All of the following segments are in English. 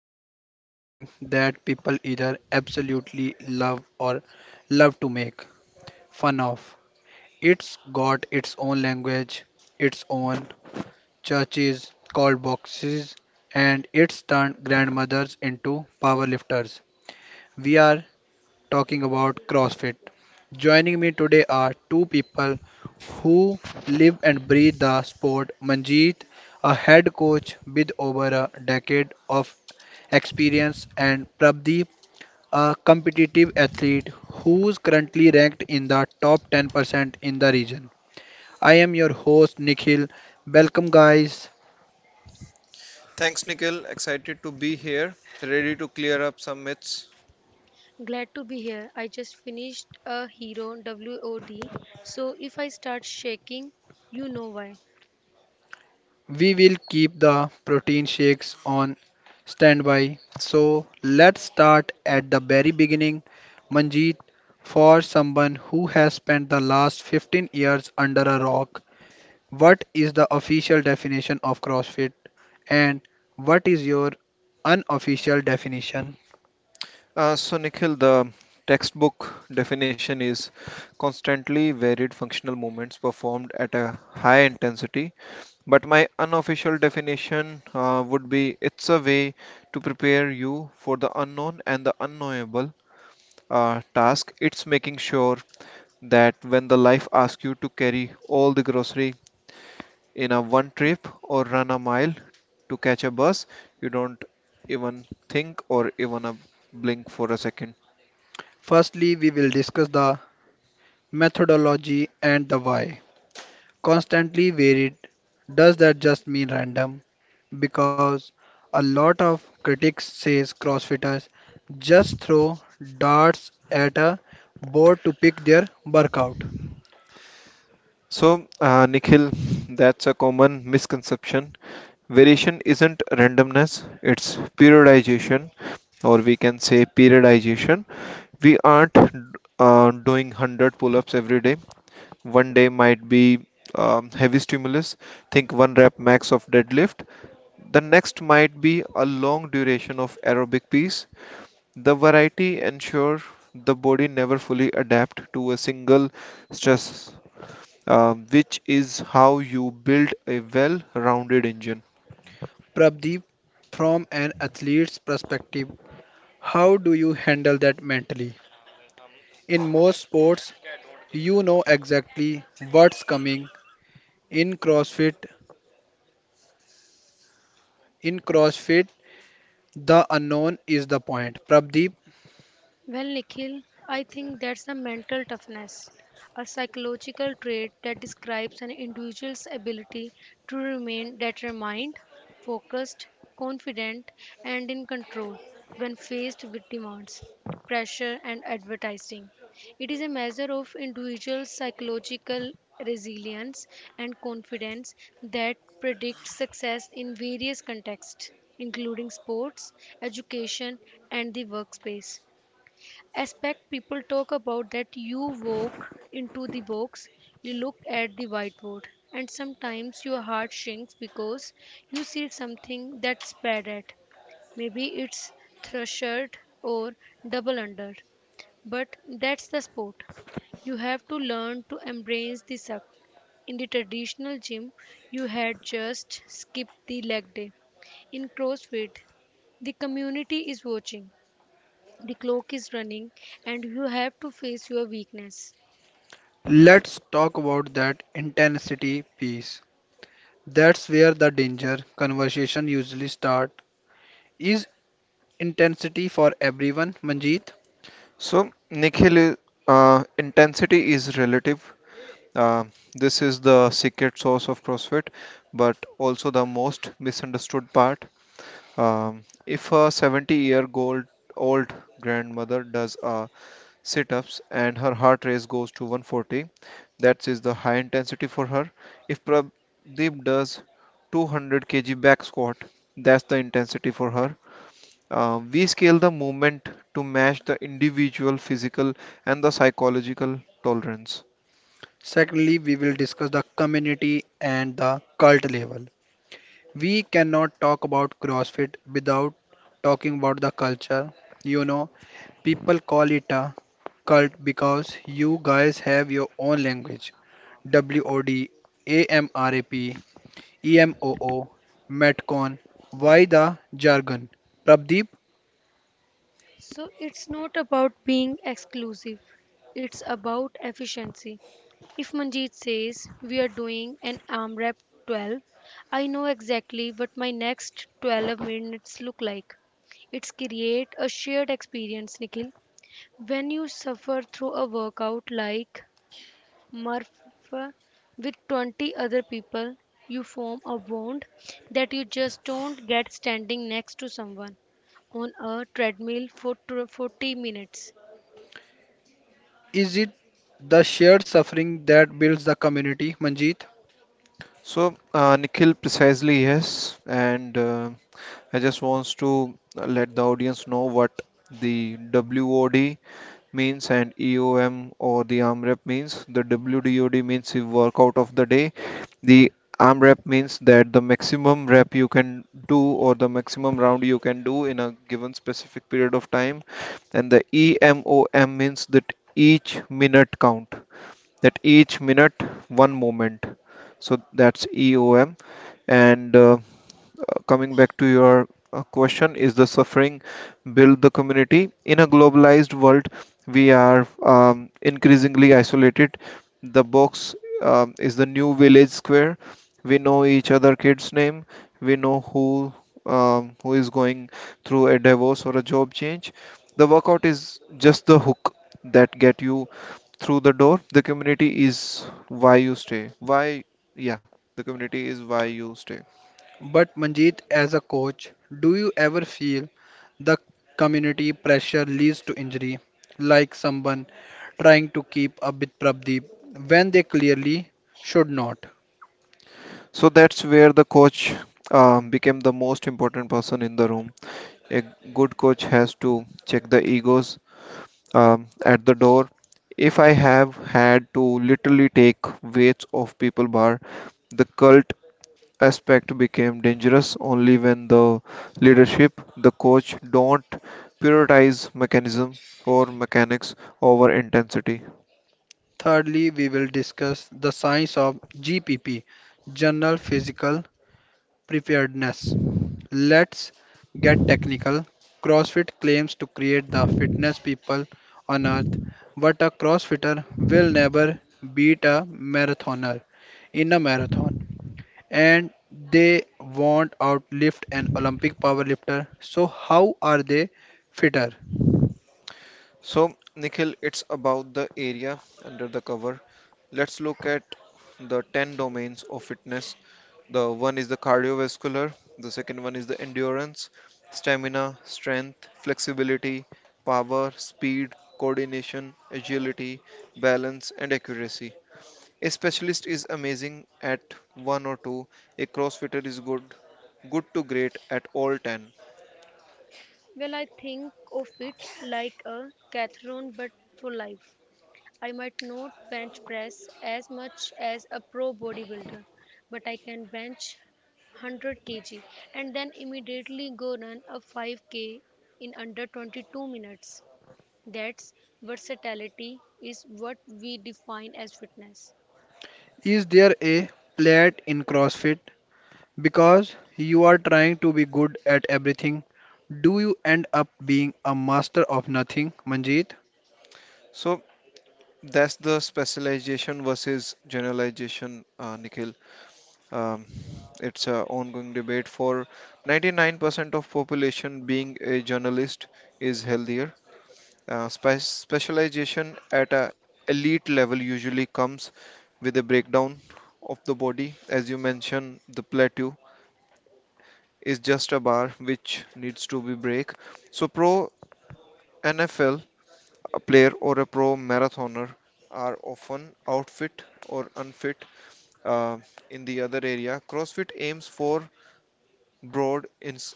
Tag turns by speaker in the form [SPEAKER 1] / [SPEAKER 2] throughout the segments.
[SPEAKER 1] talking about something that people either absolutely love or love to make fun of. It's got its own language, its own churches called boxes, and it's turned grandmothers into powerlifters. We are talking about CrossFit. Joining me today are two people who live and breathe the sport. Manjeet, a head coach with over a decade of experience, and Prabdeep, a competitive athlete who is currently ranked in the top 10% in the region. I am your host Nikhil. Welcome, guys.
[SPEAKER 2] Thanks, Nikhil. Excited to be here, ready to clear up some myths.
[SPEAKER 3] Glad to be here. I just finished a Hero WOD, so if I start shaking, you know why.
[SPEAKER 1] We will keep the protein shakes on standby. So let's start at the very beginning. Manjeet, for someone who has spent the last 15 years under a rock, what is the official definition of CrossFit, and what is your unofficial definition?
[SPEAKER 2] Nikhil, the textbook definition is constantly varied functional movements performed at a high intensity. But my unofficial definition would be it's a way to prepare you for the unknown and the unknowable task. It's making sure that when the life asks you to carry all the grocery in a one trip or run a mile to catch a bus, you don't even think or even a blink for a second.
[SPEAKER 1] Firstly, we will discuss the methodology and the why. Constantly varied. Does that just mean random? Because a lot of critics says crossfitters just throw darts at a board to pick their workout.
[SPEAKER 2] So Nikhil, that's a common misconception. Variation isn't randomness, it's periodization, or we can say periodization. We aren't doing 100 pull-ups every day. One day might be heavy stimulus, think one rep max of deadlift. The next might be a long duration of aerobic piece. The variety ensure the body never fully adapt to a single stress, which is how you build a well-rounded engine.
[SPEAKER 1] Prabdeep, from an athlete's perspective, how do you handle that mentally? In most sports, you know exactly what's coming. In CrossFit, in CrossFit, the unknown is the point. Prabdeep,
[SPEAKER 3] Well, Nikhil, I think that's a mental toughness, a psychological trait that describes an individual's ability to remain determined, focused, confident, and in control when faced with demands, pressure, and advertising. It is a measure of individual psychological resilience and confidence that predicts success in various contexts, including sports, education, and the workspace aspect people talk about that you walk into the box, you look at the whiteboard, and sometimes your heart shrinks because you see something that's bad at. Maybe it's thrashered or double under, but that's the sport. You have to learn to embrace the suck. In the traditional gym, you had just skipped the leg day. In CrossFit, the community is watching, the clock is running, and you have to face your weakness.
[SPEAKER 1] let's talk about that intensity piece. That's where the danger conversation usually starts. Is intensity for everyone, Manjeet?
[SPEAKER 2] So, Nikhil, intensity is relative. Uh, this is the secret sauce of CrossFit, but also the most misunderstood part. If a 70-year-old old grandmother does a sit ups, and her heart rate goes to 140, that is the high intensity for her. If Pradeep does 200 kg back squat, that's the intensity for her. We scale the movement to match the individual physical and the psychological tolerance.
[SPEAKER 1] Secondly, we will discuss the community and the cult level. We cannot talk about CrossFit without talking about the culture. You know, people call it a cult because you guys have your own language. WOD, AMRAP, EMOO, Metcon. Why the jargon? Prabdeep,
[SPEAKER 3] So it's not about being exclusive, it's about efficiency. If Manjeet says we are doing an arm rep 12, I know exactly what my next 12 minutes look like. It's create a shared experience, Nikhil. When you suffer through a workout like Murph with 20 other people, you form a bond that you just don't get standing next to someone on a treadmill for 40 minutes.
[SPEAKER 1] is it the shared suffering that builds the community, Manjeet?
[SPEAKER 2] So, Nikhil, precisely yes, and I just wants to let the audience know what the WOD means and EOM or the AMREP means. The WDOD means the workout of the day. The arm rep means that the maximum rep you can do or the maximum round you can do in a given specific period of time, and the EMOM means that each minute count, that each minute one moment, so that's EOM. And coming back to your question, is the suffering build the community? In a globalized world, we are increasingly isolated. The box is the new village square. We know each other kids' name. We know who, who is going through a divorce or a job change. The workout is just the hook that get you through the door. The community is why you stay. Why, yeah, the community is why you stay.
[SPEAKER 1] But Manjeet, as a coach, do you ever feel the community pressure leads to injury, like someone trying to keep up with Prabdeep when they clearly should not?
[SPEAKER 2] So that's where the coach became the most important person in the room. A good coach has to check the egos at the door. If I have had to literally take weights off people bar, the cult aspect became dangerous only when the leadership, the coach, don't prioritize mechanism or mechanics over intensity.
[SPEAKER 1] Thirdly, we will discuss the science of GPP, General Physical Preparedness. Let's get technical. CrossFit claims to create the fitness people on earth, but a CrossFitter will never beat a marathoner in a marathon. And they won't outlift an Olympic powerlifter. So, how are they fitter?
[SPEAKER 2] So, Nikhil, it's about the area under the cover. Let's look at the 10 domains of fitness. The one is the cardiovascular, the second one is the endurance, stamina, strength, flexibility, power, speed, coordination, agility, balance, and accuracy. A specialist is amazing at one or two, a CrossFitter is good to great at all 10.
[SPEAKER 3] Well, I think of it like a cathlon but for life. I might not bench press as much as a pro bodybuilder, but I can bench 100 kg and then immediately go run a 5K in under 22 minutes. That's versatility is what we define as fitness.
[SPEAKER 1] Is there a plate in CrossFit? Because you are trying to be good at everything, do you end up being a master of nothing, Manjeet?
[SPEAKER 2] So, that's the specialization versus generalization, Nikhil. Um, it's an ongoing debate. For 99% of population, being a journalist is healthier. Specialization at a elite level usually comes with a breakdown of the body. As you mentioned, the plateau is just a bar which needs to be break. So pro NFL player or a pro marathoner are often outfit or unfit uh, in the other area. CrossFit aims for broad, ins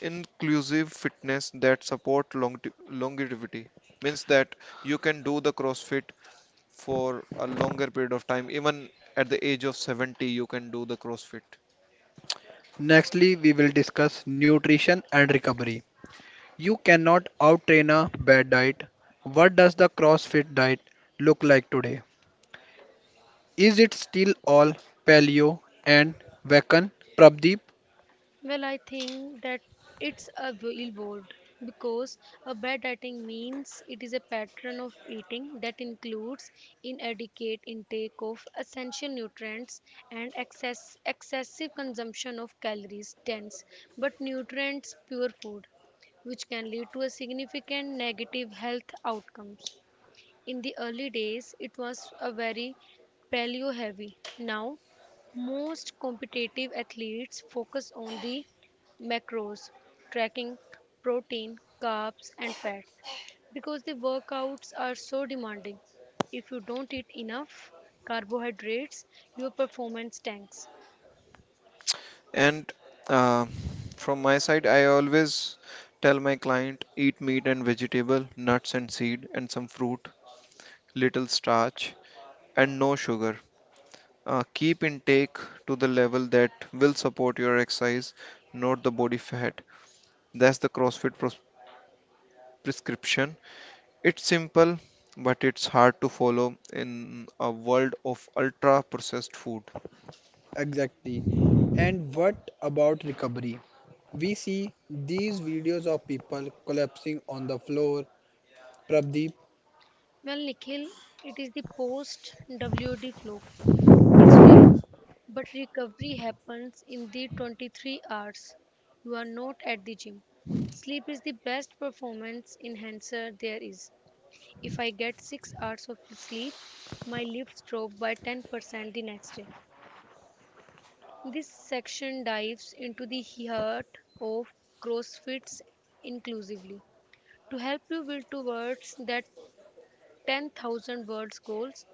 [SPEAKER 2] inclusive fitness that support longevity. Means that you can do the CrossFit for a longer period of time. Even at the age of 70, you can do the CrossFit.
[SPEAKER 1] Nextly, we will discuss nutrition and recovery. You cannot outtrain a bad diet. What does the CrossFit diet look like today? Is it still all paleo and vegan, Prabdeep?
[SPEAKER 3] Well, I think that it's a billboard because a bad dieting means it is a pattern of eating that includes inadequate intake of essential nutrients and excessive consumption of calories dense but nutrients poor food, which can lead to a significant negative health outcomes. In the early days, it was a very paleo heavy. Now, most competitive athletes focus on the macros, tracking protein, carbs, and fat because the workouts are so demanding. If you don't eat enough carbohydrates, your performance tanks.
[SPEAKER 2] And uh, from my side, I always tell my client eat meat and vegetable, nuts and seed, and some fruit, little starch, and no sugar. Keep intake to the level that will support your exercise, not the body fat. That's the prescription. It's simple, but it's hard to follow in a world of ultra processed food.
[SPEAKER 1] Exactly. And what about recovery? We see these videos of people collapsing on the floor. Prabdeep,
[SPEAKER 3] Well, Nikhil, it is the post WD flow. Israel, but recovery happens in the 23 hours. You are not at the gym. Sleep is the best performance enhancer there is. If I get 6 hours of sleep, my lifts drop by 10% the next day. This section dives into the heart of CrossFit's inclusively to help you build towards that 10,000 words goals.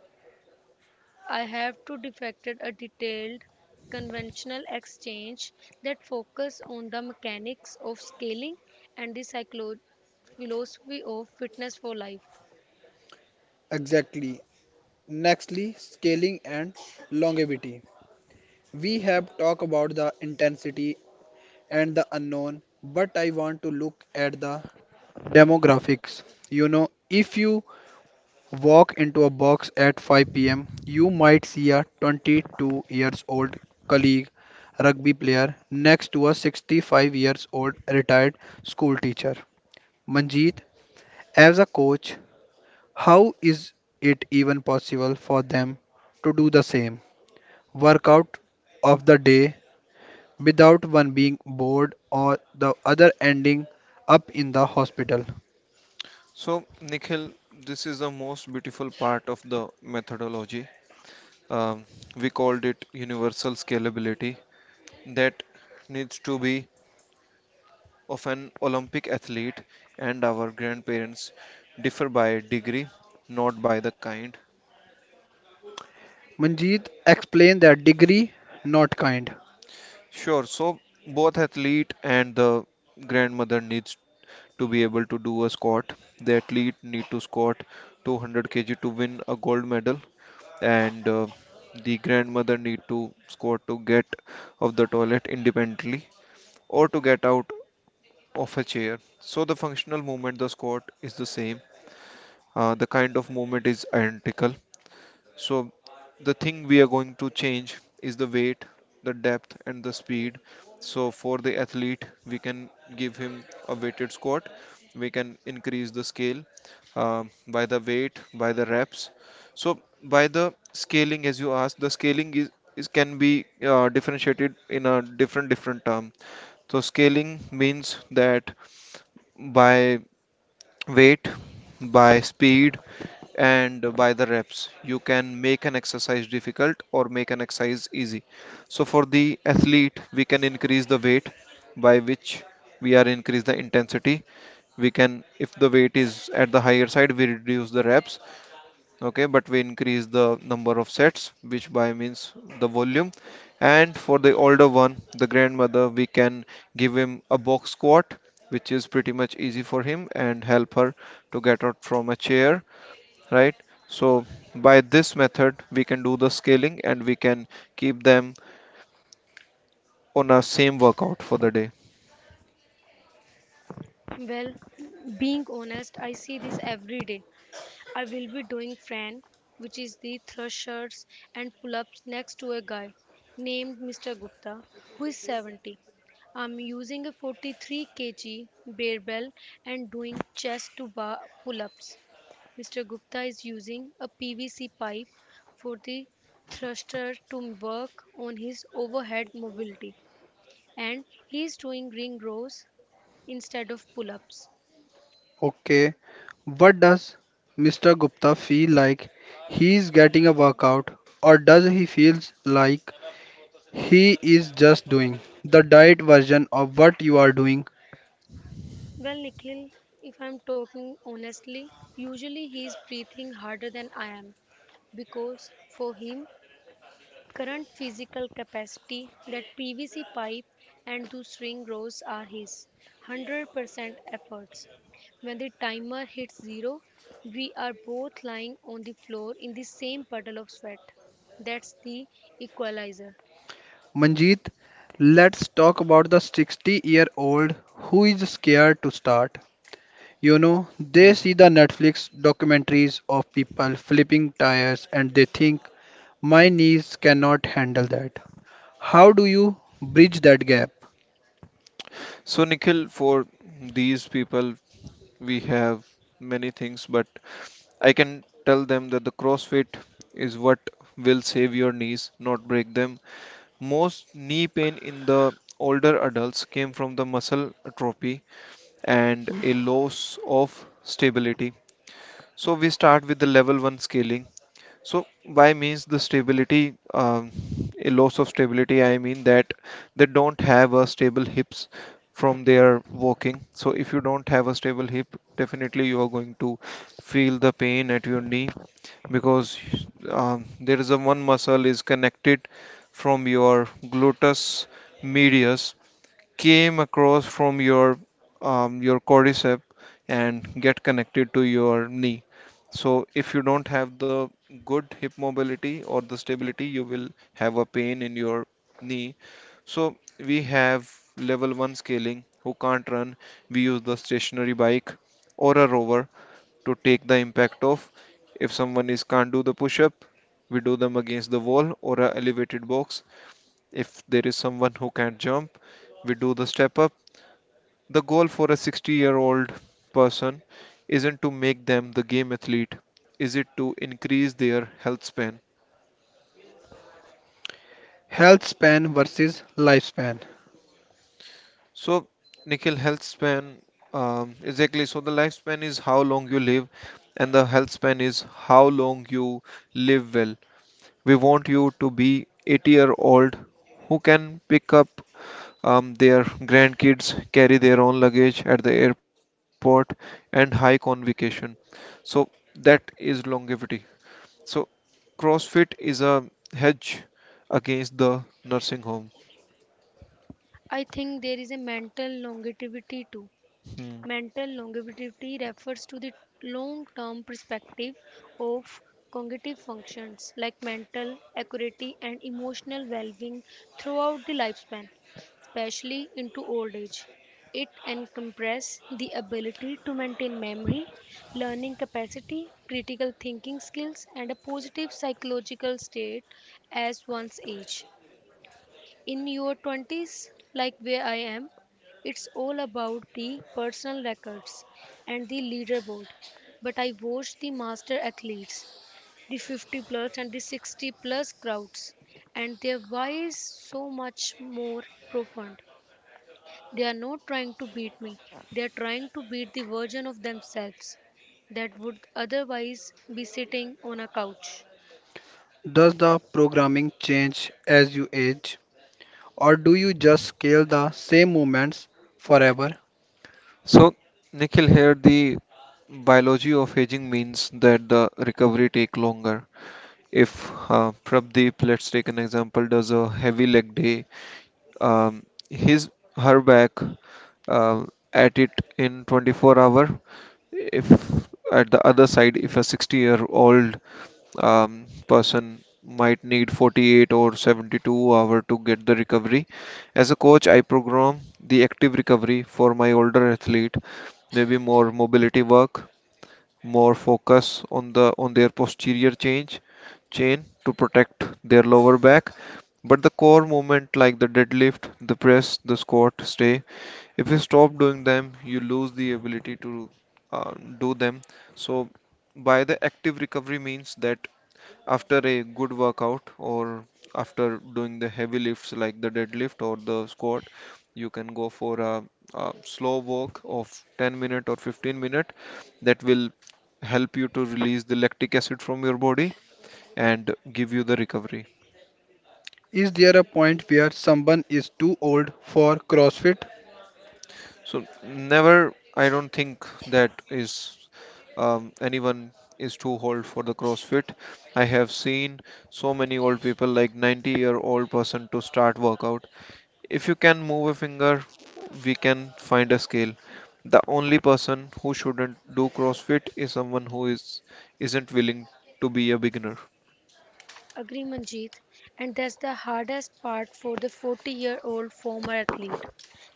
[SPEAKER 3] I have to defected a detailed conventional exchange that focus on the mechanics of scaling and the philosophy of fitness for life.
[SPEAKER 1] exactly. Nextly, scaling and longevity. We have talked about the intensity and the unknown, but I want to look at the demographics. You know, if you walk into a box at 5 p.m., you might see a 22 years old colleague rugby player next to a 65 years old retired school teacher. Manjeet, as a coach, how is it even possible for them to do the same workout of the day without one being bored or the other ending up in the hospital?
[SPEAKER 2] So, Nikhil, this is the most beautiful part of the methodology. Um, we called it universal scalability, that needs to be of an Olympic athlete, and our grandparents differ by degree, not by the kind.
[SPEAKER 1] Manjeet, explained that: degree not kind.
[SPEAKER 2] Sure. So both athlete and the grandmother needs to be able to do a squat. The athlete need to squat 200 kg to win a gold medal, and the grandmother need to squat to get of the toilet independently or to get out of a chair. So the functional movement, the squat is the same. The kind of movement is identical. So, the thing we are going to change is the weight, the depth, and the speed. So, for the athlete, we can give him a weighted squat, we can increase the scale by the weight, by the reps. So, by the scaling, as you asked, the scaling is can be differentiated in a different term. So, scaling means that by weight, by speed, and by the reps. You can make an exercise difficult or make an exercise easy. So for the athlete, we can increase the weight by which we are increase the intensity. We can, if the weight is at the higher side, we reduce the reps, okay, but we increase the number of sets, which by means the volume. And for the older one, the grandmother, we can give him a box squat, which is pretty much easy for him and help her to get out from a chair, right? So by this method we can do the scaling and we can keep them on a same workout for the day.
[SPEAKER 3] Well, being honest, I see this every day. I will be doing Fran, which is the thrusters and pull ups next to a guy named Mr. Gupta who is 70. I'm using a 43 kg barbell and doing chest to bar pull ups. Mr. Gupta is using a PVC pipe for the thruster to work on his overhead mobility and he is doing ring rows instead of pull ups.
[SPEAKER 1] Okay, what does Mr. Gupta feel like? He is getting a workout, or does he feels like he is just doing the diet version of what you are doing?
[SPEAKER 3] Well, Nikhil, if I'm talking honestly, usually he is breathing harder than I am because for him, current physical capacity, that PVC pipe and two string rows, are his 100% efforts. When the timer hits zero, we are both lying on the floor in the same puddle of sweat. That's the equalizer.
[SPEAKER 1] Manjeet, let's talk about the 60-year-old who is scared to start. You know, they see
[SPEAKER 2] Mhm.
[SPEAKER 1] the Netflix documentaries of people flipping tires and they think, my knees cannot handle that. How do you bridge that gap?
[SPEAKER 2] So Nikhil, for these people we have many things, but I can tell them that the CrossFit is what will save your knees, not break them. Most knee pain in the older adults came from the muscle atrophy and a loss of stability. So we start with the level one scaling. So by means the stability, a loss of stability, I mean that they don't have a stable hips from their walking. So if you don't have a stable hip, definitely you are going to feel the pain at your knee because there is a one muscle is connected from your gluteus medius came across from your quadricep and get connected to your knee. So if you don't have the good hip mobility or the stability, you will have a pain in your knee. So we have level one scaling who can't run. We use the stationary bike or a rower to take the impact of. If someone is can't do the push-up, we do them against the wall or a elevated box. If there is someone who can't jump, we do the step up. The goal for a 60-year-old person isn't to make them the game athlete, is it to increase their health span?
[SPEAKER 1] Health span versus lifespan.
[SPEAKER 2] So, Nikhil, health span, exactly. So, the lifespan is how long you live, and the health span is how long you live well. We want you to be 80-year-old who can pick up their grandkids, carry their own luggage at the airport, and hike on vacation. So, that is longevity. So, CrossFit is a hedge against the nursing home.
[SPEAKER 3] I think there is a mental longevity too.
[SPEAKER 2] Hmm.
[SPEAKER 3] Mental longevity refers to the long-term perspective of cognitive functions like mental acuity and emotional well-being throughout the lifespan, especially into old age. It encompasses the ability to maintain memory, learning capacity, critical thinking skills, and a positive psychological state as one's age. In your 20s, like where I am, it's all about the personal records and the leaderboard, but I watch the master athletes, the 50 plus and the 60 plus crowds, and their why is so much more profound. They are not trying to beat me, they are trying to beat the version of themselves that would otherwise be sitting on a couch.
[SPEAKER 1] Does the programming change as you age, or do you just scale the same movements forever?
[SPEAKER 2] So, Nikhil, here the biology of aging means that the recovery take longer. If Prabdeep, let's take an example, does a heavy leg day, um, his her back uh, at it in 24 hour. If At the other side, if a 60-year-old person might need 48 or 72 hour to get the recovery. As a coach, I program the active recovery for my older athlete, maybe more mobility work, more focus on the on their posterior change chain to protect their lower back. But the core movement like the deadlift, the press, the squat stay. If you stop doing them, you lose the ability to uh, do them. So, by the active recovery means that after a good workout or after doing the heavy lifts like the deadlift or the squat, you can go for a slow walk of 10 minute or 15 minute that will help you to release the lactic acid from your body and give you the recovery.
[SPEAKER 1] Is there a point where someone is too old for CrossFit?
[SPEAKER 2] So never, I don't think that is, anyone is too old for the CrossFit. I have seen so many old people, like 90-year-old person to start workout. If you can move a finger, we can find a scale. The only person who shouldn't do CrossFit is someone who is isn't willing to be a beginner.
[SPEAKER 3] Agree, Manjeet. And that's the hardest part for the 40-year-old former athlete.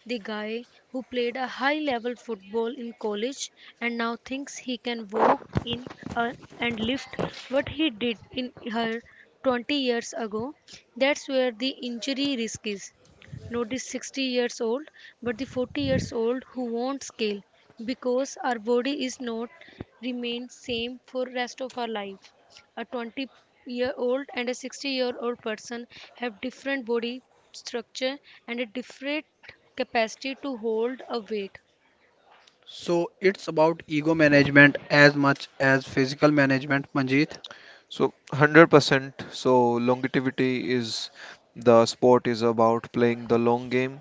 [SPEAKER 3] The guy who played a high level football in college and now thinks he can walk in uh, and lift what he did in her 20 years ago. That's where the injury risk is. Not the 60 years old, but the 40 years old who won't scale because our body is not remain same for rest of our life. A 20-year-old and a 60-year-old person have different body structure and a different capacity to hold a weight.
[SPEAKER 1] So it's about ego management as much as physical management, Manjeet.
[SPEAKER 2] So 100%. So longevity is, the sport is about playing the long game.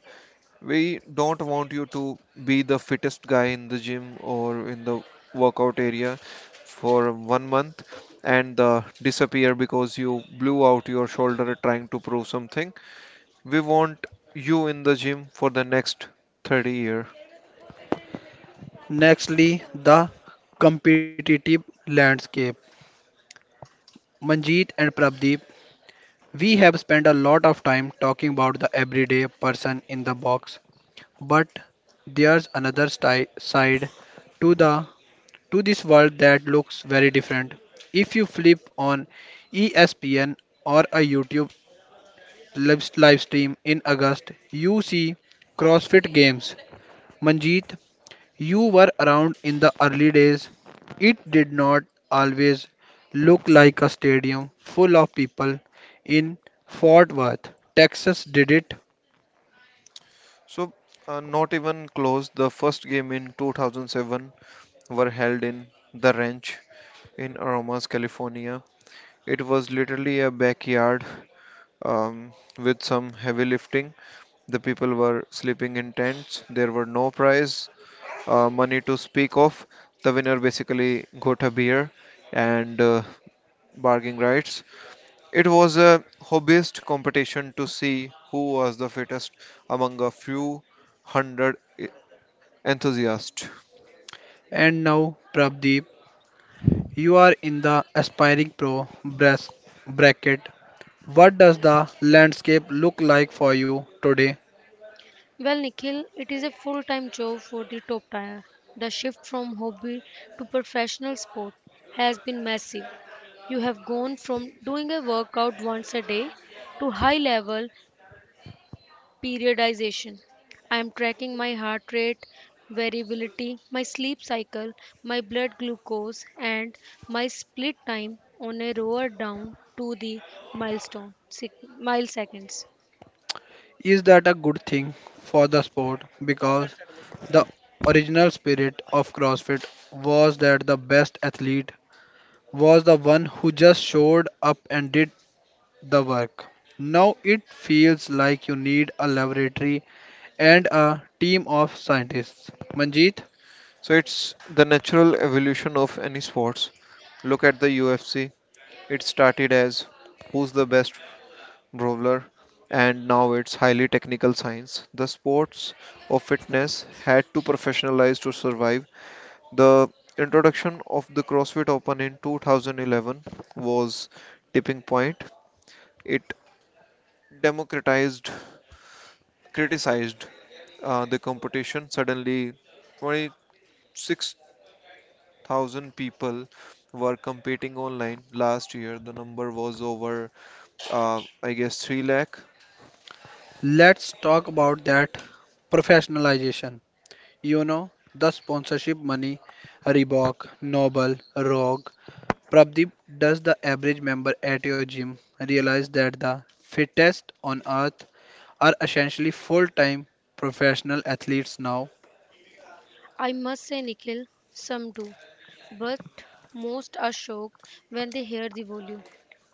[SPEAKER 2] We don't want you to be the fittest guy in the gym or in the workout area for 1 month and disappear because you blew out your shoulder trying to prove something. We want you in the gym for the next 30 year.
[SPEAKER 1] Nextly, the competitive landscape. Manjeet and Prabdeep, we have spent a lot of time talking about the everyday person in the box, but there's another side to the to this world that looks very different. If you flip on ESPN or a YouTube live stream in August, you see CrossFit games. Manjeet, you were around in the early days. It did not always look like a stadium full of people in Fort Worth, Texas, did it?
[SPEAKER 2] So not even close. The first game in 2007 were held in the ranch in aromas california. It was literally a backyard um, with some heavy lifting. The people were sleeping in tents. There were no prize money to speak of. The winner basically got a beer and bargaining rights. It was a hobbyist competition to see who was the fittest among a few hundred enthusiasts.
[SPEAKER 1] And now, Prabdeep, you are in the aspiring pro bracket. What does the landscape look like for you today?
[SPEAKER 3] Well, Nikhil, it is a full time job for the top tier. The shift from hobby to professional sport has been massive. You have gone from doing a workout once a day to high level periodization. I am tracking my heart rate variability, my sleep cycle, my blood glucose, and my split time on a rower down to the milestone milliseconds.
[SPEAKER 1] Is that a good thing for the sport? Because the original spirit of CrossFit was that the best athlete was the one who just showed up and did the work. Now it feels like you need a laboratory and a team of scientists. Manjeet,
[SPEAKER 2] So it's the natural evolution of any sports. Look at the UFC. It started as who's the best brawler, and now it's highly technical science. The sports of fitness had to professionalize to survive. The introduction of the CrossFit Open in 2011 was tipping point. It democratized criticized the competition. Suddenly 26,000 people were competing online. Last year the number was over I guess 3 lakh.
[SPEAKER 1] let's talk about that professionalization. You know, the sponsorship money, Reebok, Noble, Rogue. Prabdeep, does the average member at your gym realize that the fittest on earth are essentially full time professional athletes now?
[SPEAKER 3] I must say, Nikhil, some do, but most are shocked when they hear the volume.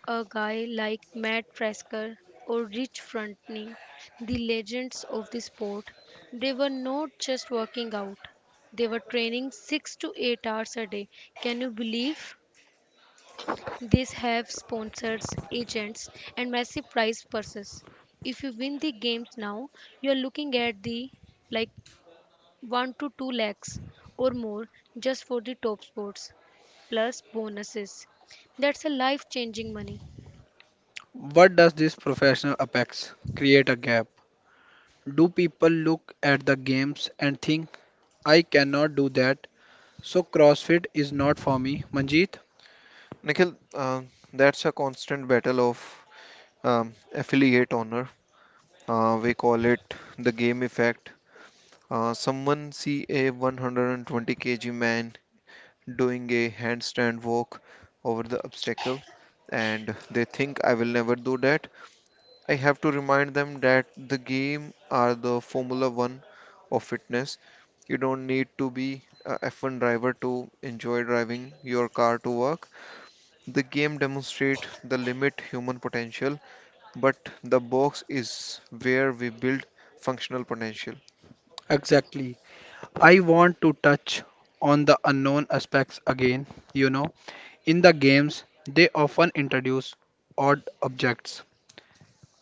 [SPEAKER 3] A guy like Matt Frasker or Rich Frontning, the legends of the sport, they were not just working out, they were training 6 to 8 hours a day. Can you believe? These have sponsors, agents, and massive prize purses. If you win the games now, you are looking at the like 1 to 2 lakhs or more just for the top sports, plus bonuses. That's a life changing money.
[SPEAKER 1] What does this professional apex create a gap? Do people look at the games and think, I cannot do that, so CrossFit is not for me, Manjeet?
[SPEAKER 2] Nikhil, uh, that's a constant battle of um, affiliate honor. Uh, we call it the game effect. Someone see a 120 kg man doing a handstand walk over the obstacle, and they think I will never do that. I have to remind them that the game are the Formula One of fitness. You don't need to be a F1 driver to enjoy driving your car to work. The game demonstrate the limit human potential, but the box is where we build functional potential.
[SPEAKER 1] Exactly. I want to touch on the unknown aspects again. You know, in the games, they often introduce odd objects,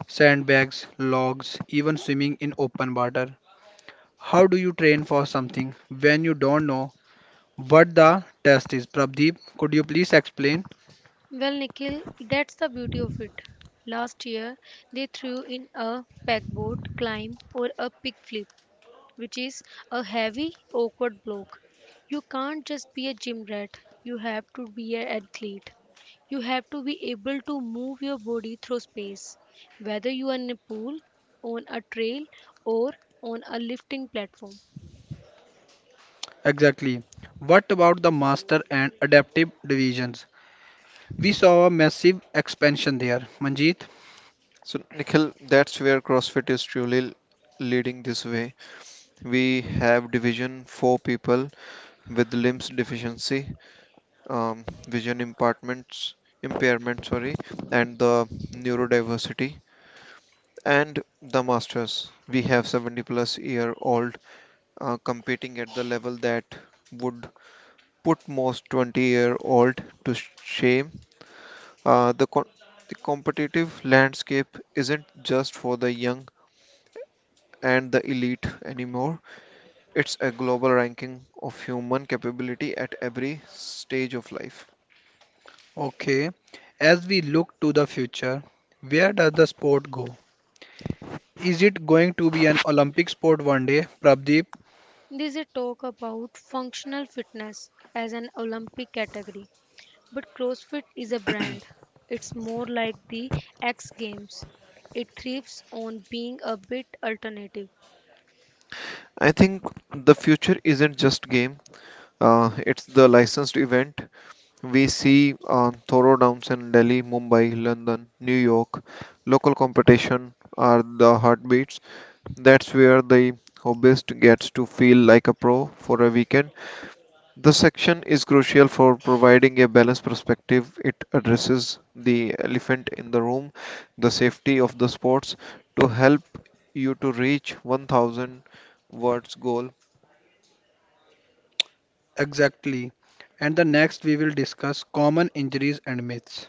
[SPEAKER 1] sandbags, logs, even swimming in open water. How do you train for something when you don't know what the test is? Prabdeep, could you please explain?
[SPEAKER 3] Well, Nikhil, that's the beauty of it. Last year they threw in a pegboard climb or a pig flip, which is a heavy, awkward bloke. You can't just be a gym rat, you have to be an athlete. You have to be able to move your body through space, whether you are in a pool, on a trail, or on a lifting platform.
[SPEAKER 1] Exactly. What about the master and adaptive divisions? We saw a massive expansion there, Manjeet.
[SPEAKER 2] So, Nikhil, that's where CrossFit is truly leading this way. We have division 4 people with limbs deficiency, vision impairments, impairment, sorry, and the neurodiversity. And the masters, we have 70 plus year old competing at the level that would put most 20-year-old to shame. Uh, the, con- the competitive landscape isn't just for the young and the elite anymore. It's a global ranking of human capability at every stage of life.
[SPEAKER 1] Okay, as we look to the future, where does the sport go? Is it going to be an Olympic sport one day, Prabdeep?
[SPEAKER 3] This is a talk about functional fitness as an Olympic category, but CrossFit is a brand. It's more like the X Games. It thrives on being a bit alternative.
[SPEAKER 2] I think the future isn't just game. It's the licensed event. We see thorough downs in Delhi, Mumbai, London, New York. Local competition are the heartbeats. That's where the hobbyist gets to feel like a pro for a weekend. The section is crucial for providing a balanced perspective. It addresses the elephant in the room, the safety of the sports, to help you to reach 1000 words goal.
[SPEAKER 1] Exactly. And the next, we will discuss common injuries and myths.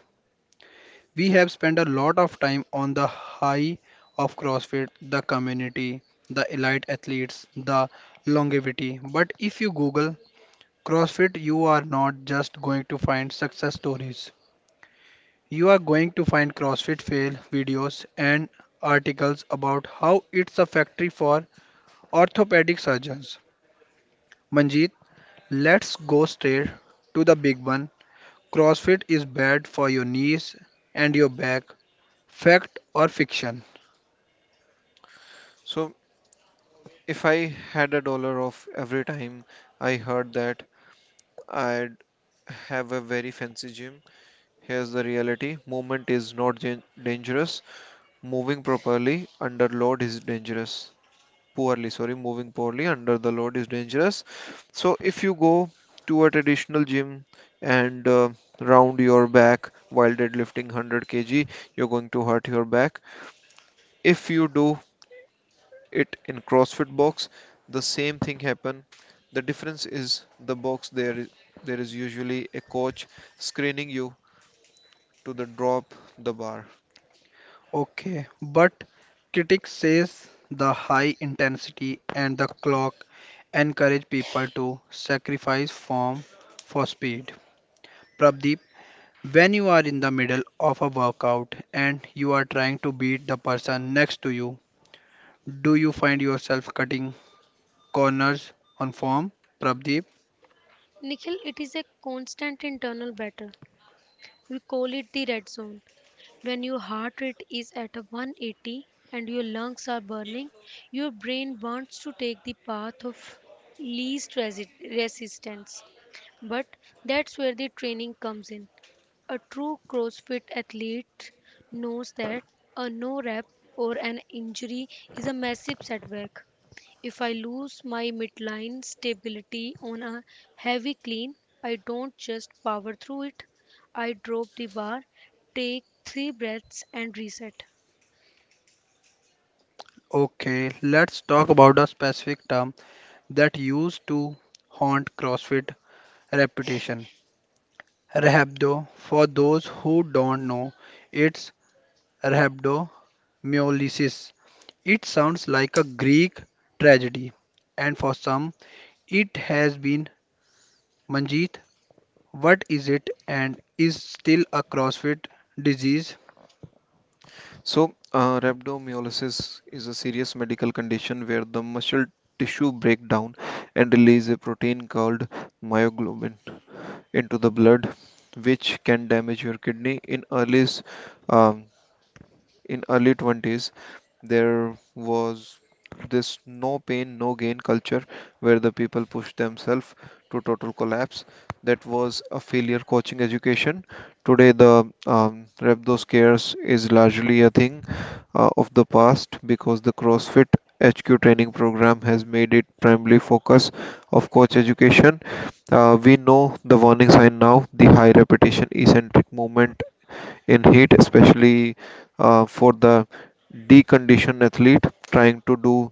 [SPEAKER 1] We have spent a lot of time on the high of CrossFit, the community, the elite athletes, the longevity. But if you Google CrossFit, you are not just going to find success stories. You are going to find CrossFit fail videos and articles about how it's a factory for orthopedic surgeons. Manjeet, let's go straight to the big one. CrossFit is bad for your knees and your back. Fact or fiction?
[SPEAKER 2] So if I had a dollar off every time I heard that, I'd have a very fancy gym. Here's the reality: movement is not dangerous. Moving properly under load is dangerous. Moving poorly under the load is dangerous. So, if you go to a traditional gym and round your back while deadlifting 100 kg, you're going to hurt your back. If you do it in CrossFit box, the same thing happen. The difference is the box, there is usually a coach screening you to the drop the bar.
[SPEAKER 1] Okay, but critics says the high intensity and the clock encourage people to sacrifice form for speed. Prabdeep, when you are in the middle of a workout and you are trying to beat the person next to you, do you find yourself cutting corners on form? Prabdeep,
[SPEAKER 3] Nikhil, it is a constant internal battle. We call it the red zone. When your heart rate is at a 180 and your lungs are burning, your brain wants to take the path of least resistance. But that's where the training comes in. A true CrossFit athlete knows that a no rep or an injury is a massive setback. If I lose my midline stability on a heavy clean, I don't just power through it. I drop the bar, take three breaths, and reset.
[SPEAKER 1] okay, let's talk about a specific term that used to haunt CrossFit reputation. Rhabdo, for those who don't know, it's rhabdomyolysis. It sounds like a Greek tragedy, and for some, it has been. Manjeet, what is it, and is still a CrossFit disease?
[SPEAKER 2] So rhabdomyolysis is a serious medical condition where the muscle tissue break down and release a protein called myoglobin into the blood, which can damage your kidney. In early um, in early 20s there was this no pain no gain culture where the people pushed themselves to total collapse. That was a failure coaching education. Today the rhabdo scares is largely a thing of the past, because the crossfit hq training program has made it primarily focus of coach education. Uh, we know the warning sign now: the high repetition eccentric movement in heat, especially for the deconditioned athlete trying to do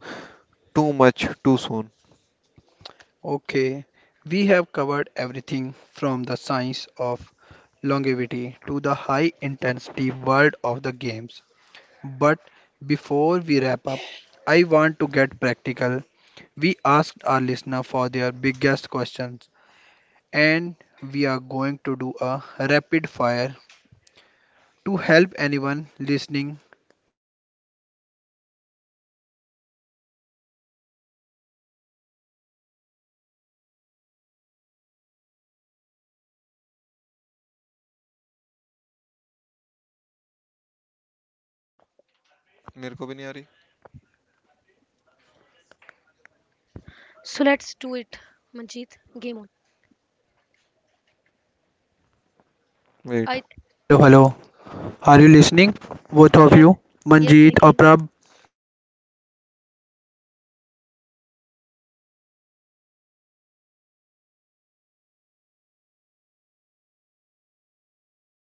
[SPEAKER 2] too much too soon.
[SPEAKER 1] Okay, we have covered everything from the science of longevity to the high intensity world of the games. But before we wrap up, I want to get practical. We asked our listener for their biggest questions, and we are going to do a rapid fire to help anyone listening take the first step. Ready? Manjeet? Hello. Hello.
[SPEAKER 3] Hello,
[SPEAKER 1] Hello,
[SPEAKER 3] Nikhil.
[SPEAKER 1] hello,
[SPEAKER 2] मेरे को भी नहीं आ रही.
[SPEAKER 1] hello, hello,
[SPEAKER 3] So let's do it, Manjeet. Game on.
[SPEAKER 1] hello, hello,
[SPEAKER 2] Wait.
[SPEAKER 1] hello, hello.
[SPEAKER 3] I
[SPEAKER 1] Are you listening, both of you? Manjeet or
[SPEAKER 3] yes,
[SPEAKER 1] Prab?
[SPEAKER 3] yes, Nikhil.
[SPEAKER 2] All right, let's start.
[SPEAKER 1] Hello, hello.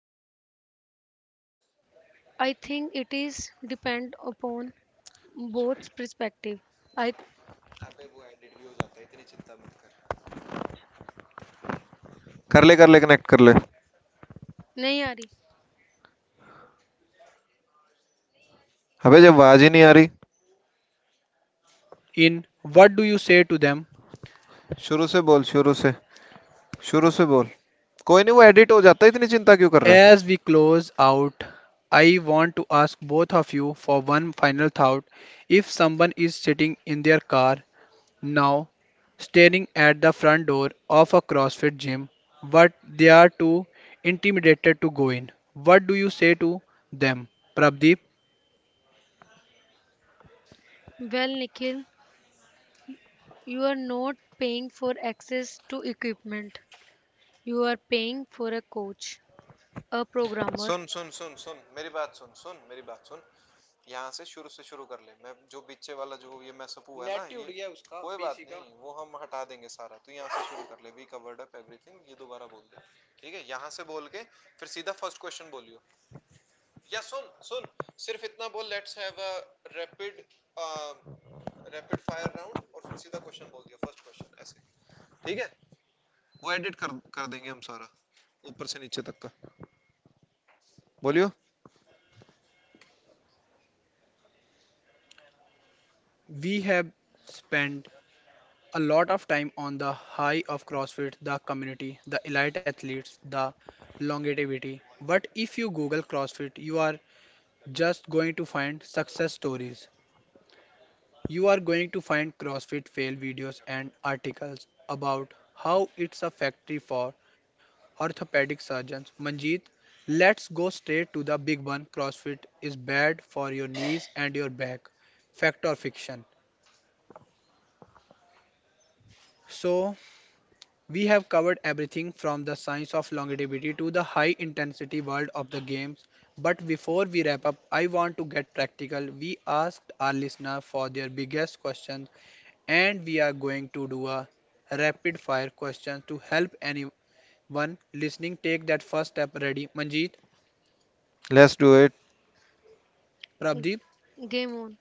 [SPEAKER 1] So let's
[SPEAKER 3] So
[SPEAKER 1] we wrap up
[SPEAKER 3] I
[SPEAKER 1] this
[SPEAKER 3] think it is
[SPEAKER 1] podcast.
[SPEAKER 3] depend upon
[SPEAKER 1] As we close out,
[SPEAKER 3] both perspective.
[SPEAKER 1] I want
[SPEAKER 3] I
[SPEAKER 1] to ask both of you for one final thought. If someone is sitting in their car right now,
[SPEAKER 2] कर ले connect कर
[SPEAKER 1] staring
[SPEAKER 2] ले.
[SPEAKER 1] at the front door of
[SPEAKER 3] nahi aa rahi.
[SPEAKER 1] CrossFit gym, but they are too
[SPEAKER 2] अबे जब आवाज
[SPEAKER 1] intimidated
[SPEAKER 2] ही नहीं आ रही.
[SPEAKER 1] to go in, what do you say to them?
[SPEAKER 2] शुरू से बोल शुरू से. शुरू से बोल. कोई नहीं, वो एडिट हो जाता है, इतनी चिंता क्यों कर रहा है.
[SPEAKER 1] As we close out, I want to ask both of you for one final thought. If someone is sitting in their car now, staring at the front door of a CrossFit gym, but they are too intimidated to go in, what do you say to them? Prabdeep,
[SPEAKER 3] Well, Nikhil, you are not paying for access to equipment. You are paying for a coach, a programmer,
[SPEAKER 2] सुन सुन सुन सुन मेरी बात सुन, सुन मेरी बात सुन. यहाँ से शुरू कर ले. मैं जो बीचे वाला जो ये मैसअपू है ना ये, कोई बात नहीं वो हम हटा देंगे सारा, तो यहाँ से शुरू कर ले, वी कवर्ड अप एवरीथिंग ये दोबारा बोल दे. ठीक है, यहाँ से बोल के फिर सीधा फर्स्ट क्वेश्चन बोलियो. या सुन सुन, सिर्फ इतना बोल, let's have a rapid rapid fire round, और फिर सीधा क्वेश्चन बोल दिया फर्स्ट क्वेश्चन ऐसे. ठीक है, वो एडिट कर कर देंगे हम सारा, ऊपर से नीचे तक का. बोलियो.
[SPEAKER 1] we have spent a lot of time on the high of CrossFit, the community, the elite athletes, the longevity. But if you Google CrossFit, you are just going to find success stories. You are going to find CrossFit fail videos and articles about how it's a factory for orthopedic surgeons. Manjeet, let's go straight to the big one. CrossFit is bad for your knees and your back. Fact or fiction? So, we have covered everything from the science of longevity to the high intensity world of the games. But before we wrap up, I want to get practical. We asked our listener for their biggest questions, and we are going to do a rapid fire question to help anyone listening take that first step. Ready? Manjeet,
[SPEAKER 2] let's do it.
[SPEAKER 3] g-
[SPEAKER 1] Prabdeep,
[SPEAKER 3] game on.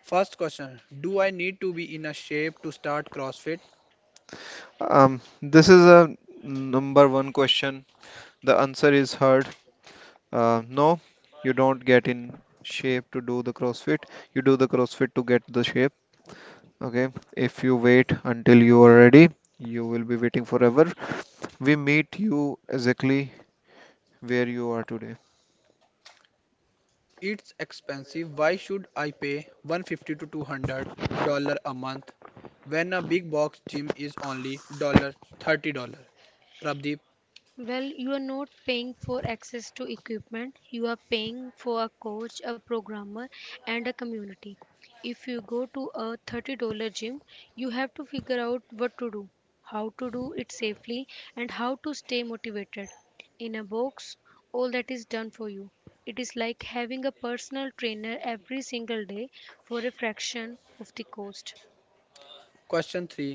[SPEAKER 1] first question: do I need to be in a shape to start CrossFit?
[SPEAKER 2] um this is a number one question. The answer is heard. No, you don't get in shape to do the CrossFit. You do the CrossFit to get the shape. Okay, if you wait until you are ready, you will be waiting forever. We meet you exactly where you are today.
[SPEAKER 1] It's expensive. Why should I pay 150 to $200 a month when a big box gym is only dollar $30? Prabdeep,
[SPEAKER 3] Well, you are not paying for access to equipment, you are paying for a coach, a programmer, and a community. If you go to a $30 gym, you have to figure out what to do, how to do it safely, and how to stay motivated. In a box, all that is done for you. It is like having a personal trainer every single day for a fraction of the cost.
[SPEAKER 1] question 3.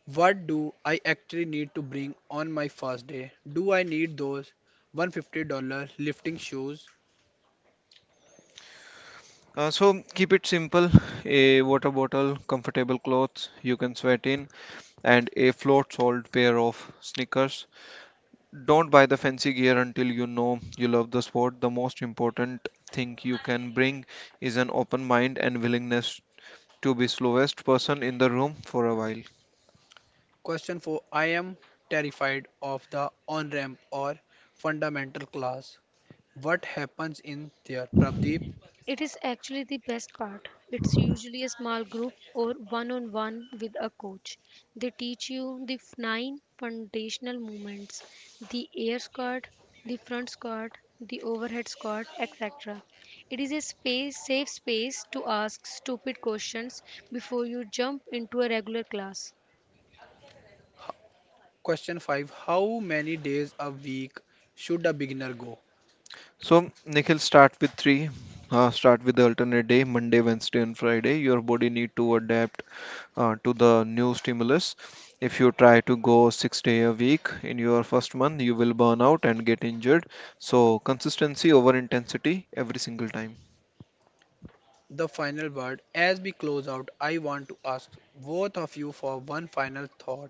[SPEAKER 1] What do I actually need to bring on my first day? Do I need those $150 lifting shoes?
[SPEAKER 2] So keep it simple: a water bottle, comfortable clothes you can sweat in, and a float solid pair of sneakers. Don't buy the fancy gear until you know you love the sport. The most important thing you can bring is an open mind and willingness to be slowest person in the room for a while.
[SPEAKER 1] Question 4. I am terrified of the on ramp or fundamental class. What happens in there? Prabdeep,
[SPEAKER 3] It is actually the best part. It's usually a small group or one on one with a coach. They teach you the nine foundational movements: the air squat, the front squat, the overhead squat, etc. It is a space, safe space to ask stupid questions before you jump into a regular class.
[SPEAKER 1] question 5. How many days a week should a beginner go?
[SPEAKER 2] So, Nikhil, start with three. Start with the alternate day, Monday, Wednesday, and Friday. Your body need to adapt to the new stimulus. If you try to go 6 day a week in your first month, you will burn out and get injured. So consistency over intensity every single time.
[SPEAKER 1] The final word. As we close out, I want to ask both of you for one final thought.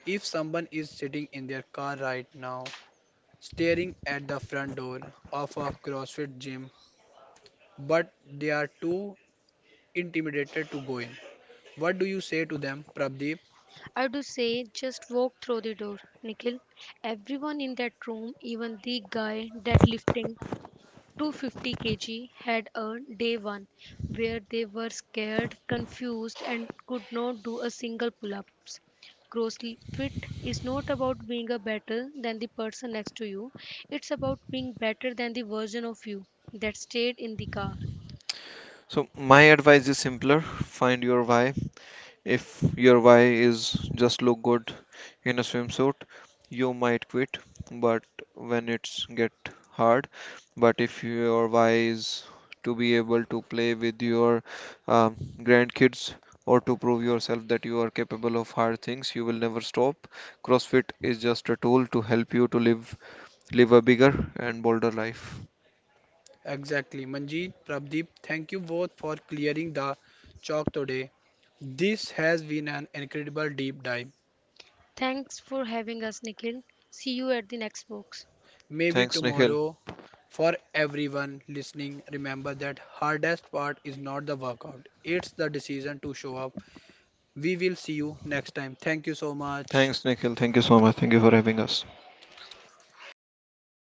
[SPEAKER 1] If someone is sitting in their car right now, staring at the front door of a CrossFit gym, but they are too intimidated to go in, what do you say to them, Prabdeep?
[SPEAKER 3] I do say just walk through the door, Nikhil. Everyone in that room, even the guy deadlifting 250 kg, had a day one where they were scared, confused, and could not do a single pull up. Grossly fit is not about being a better than the person next to you, it's about being better than the version of you that stayed in the car.
[SPEAKER 2] So my advice is simpler: find your why. If your why is just look good in a swimsuit, you might quit, but when it's get hard. But if your why is to be able to play with your grandkids or to prove yourself that you are capable of hard things, you will never stop. CrossFit is just a tool to help you to live a bigger and bolder life.
[SPEAKER 1] Exactly. Manjeet, Prabdeep, thank you both for clearing the chalk today. This has been an incredible deep dive.
[SPEAKER 3] Thanks for having us, Nikhil. See you at the next box.
[SPEAKER 1] Maybe
[SPEAKER 2] Thanks, Nikhil.
[SPEAKER 1] tomorrow, for everyone listening, remember that hardest part is not the workout, it's the decision to show up. We will see you next time. Thank you so much.
[SPEAKER 2] Thanks, Nikhil. Thank you so much. Thank you for having us.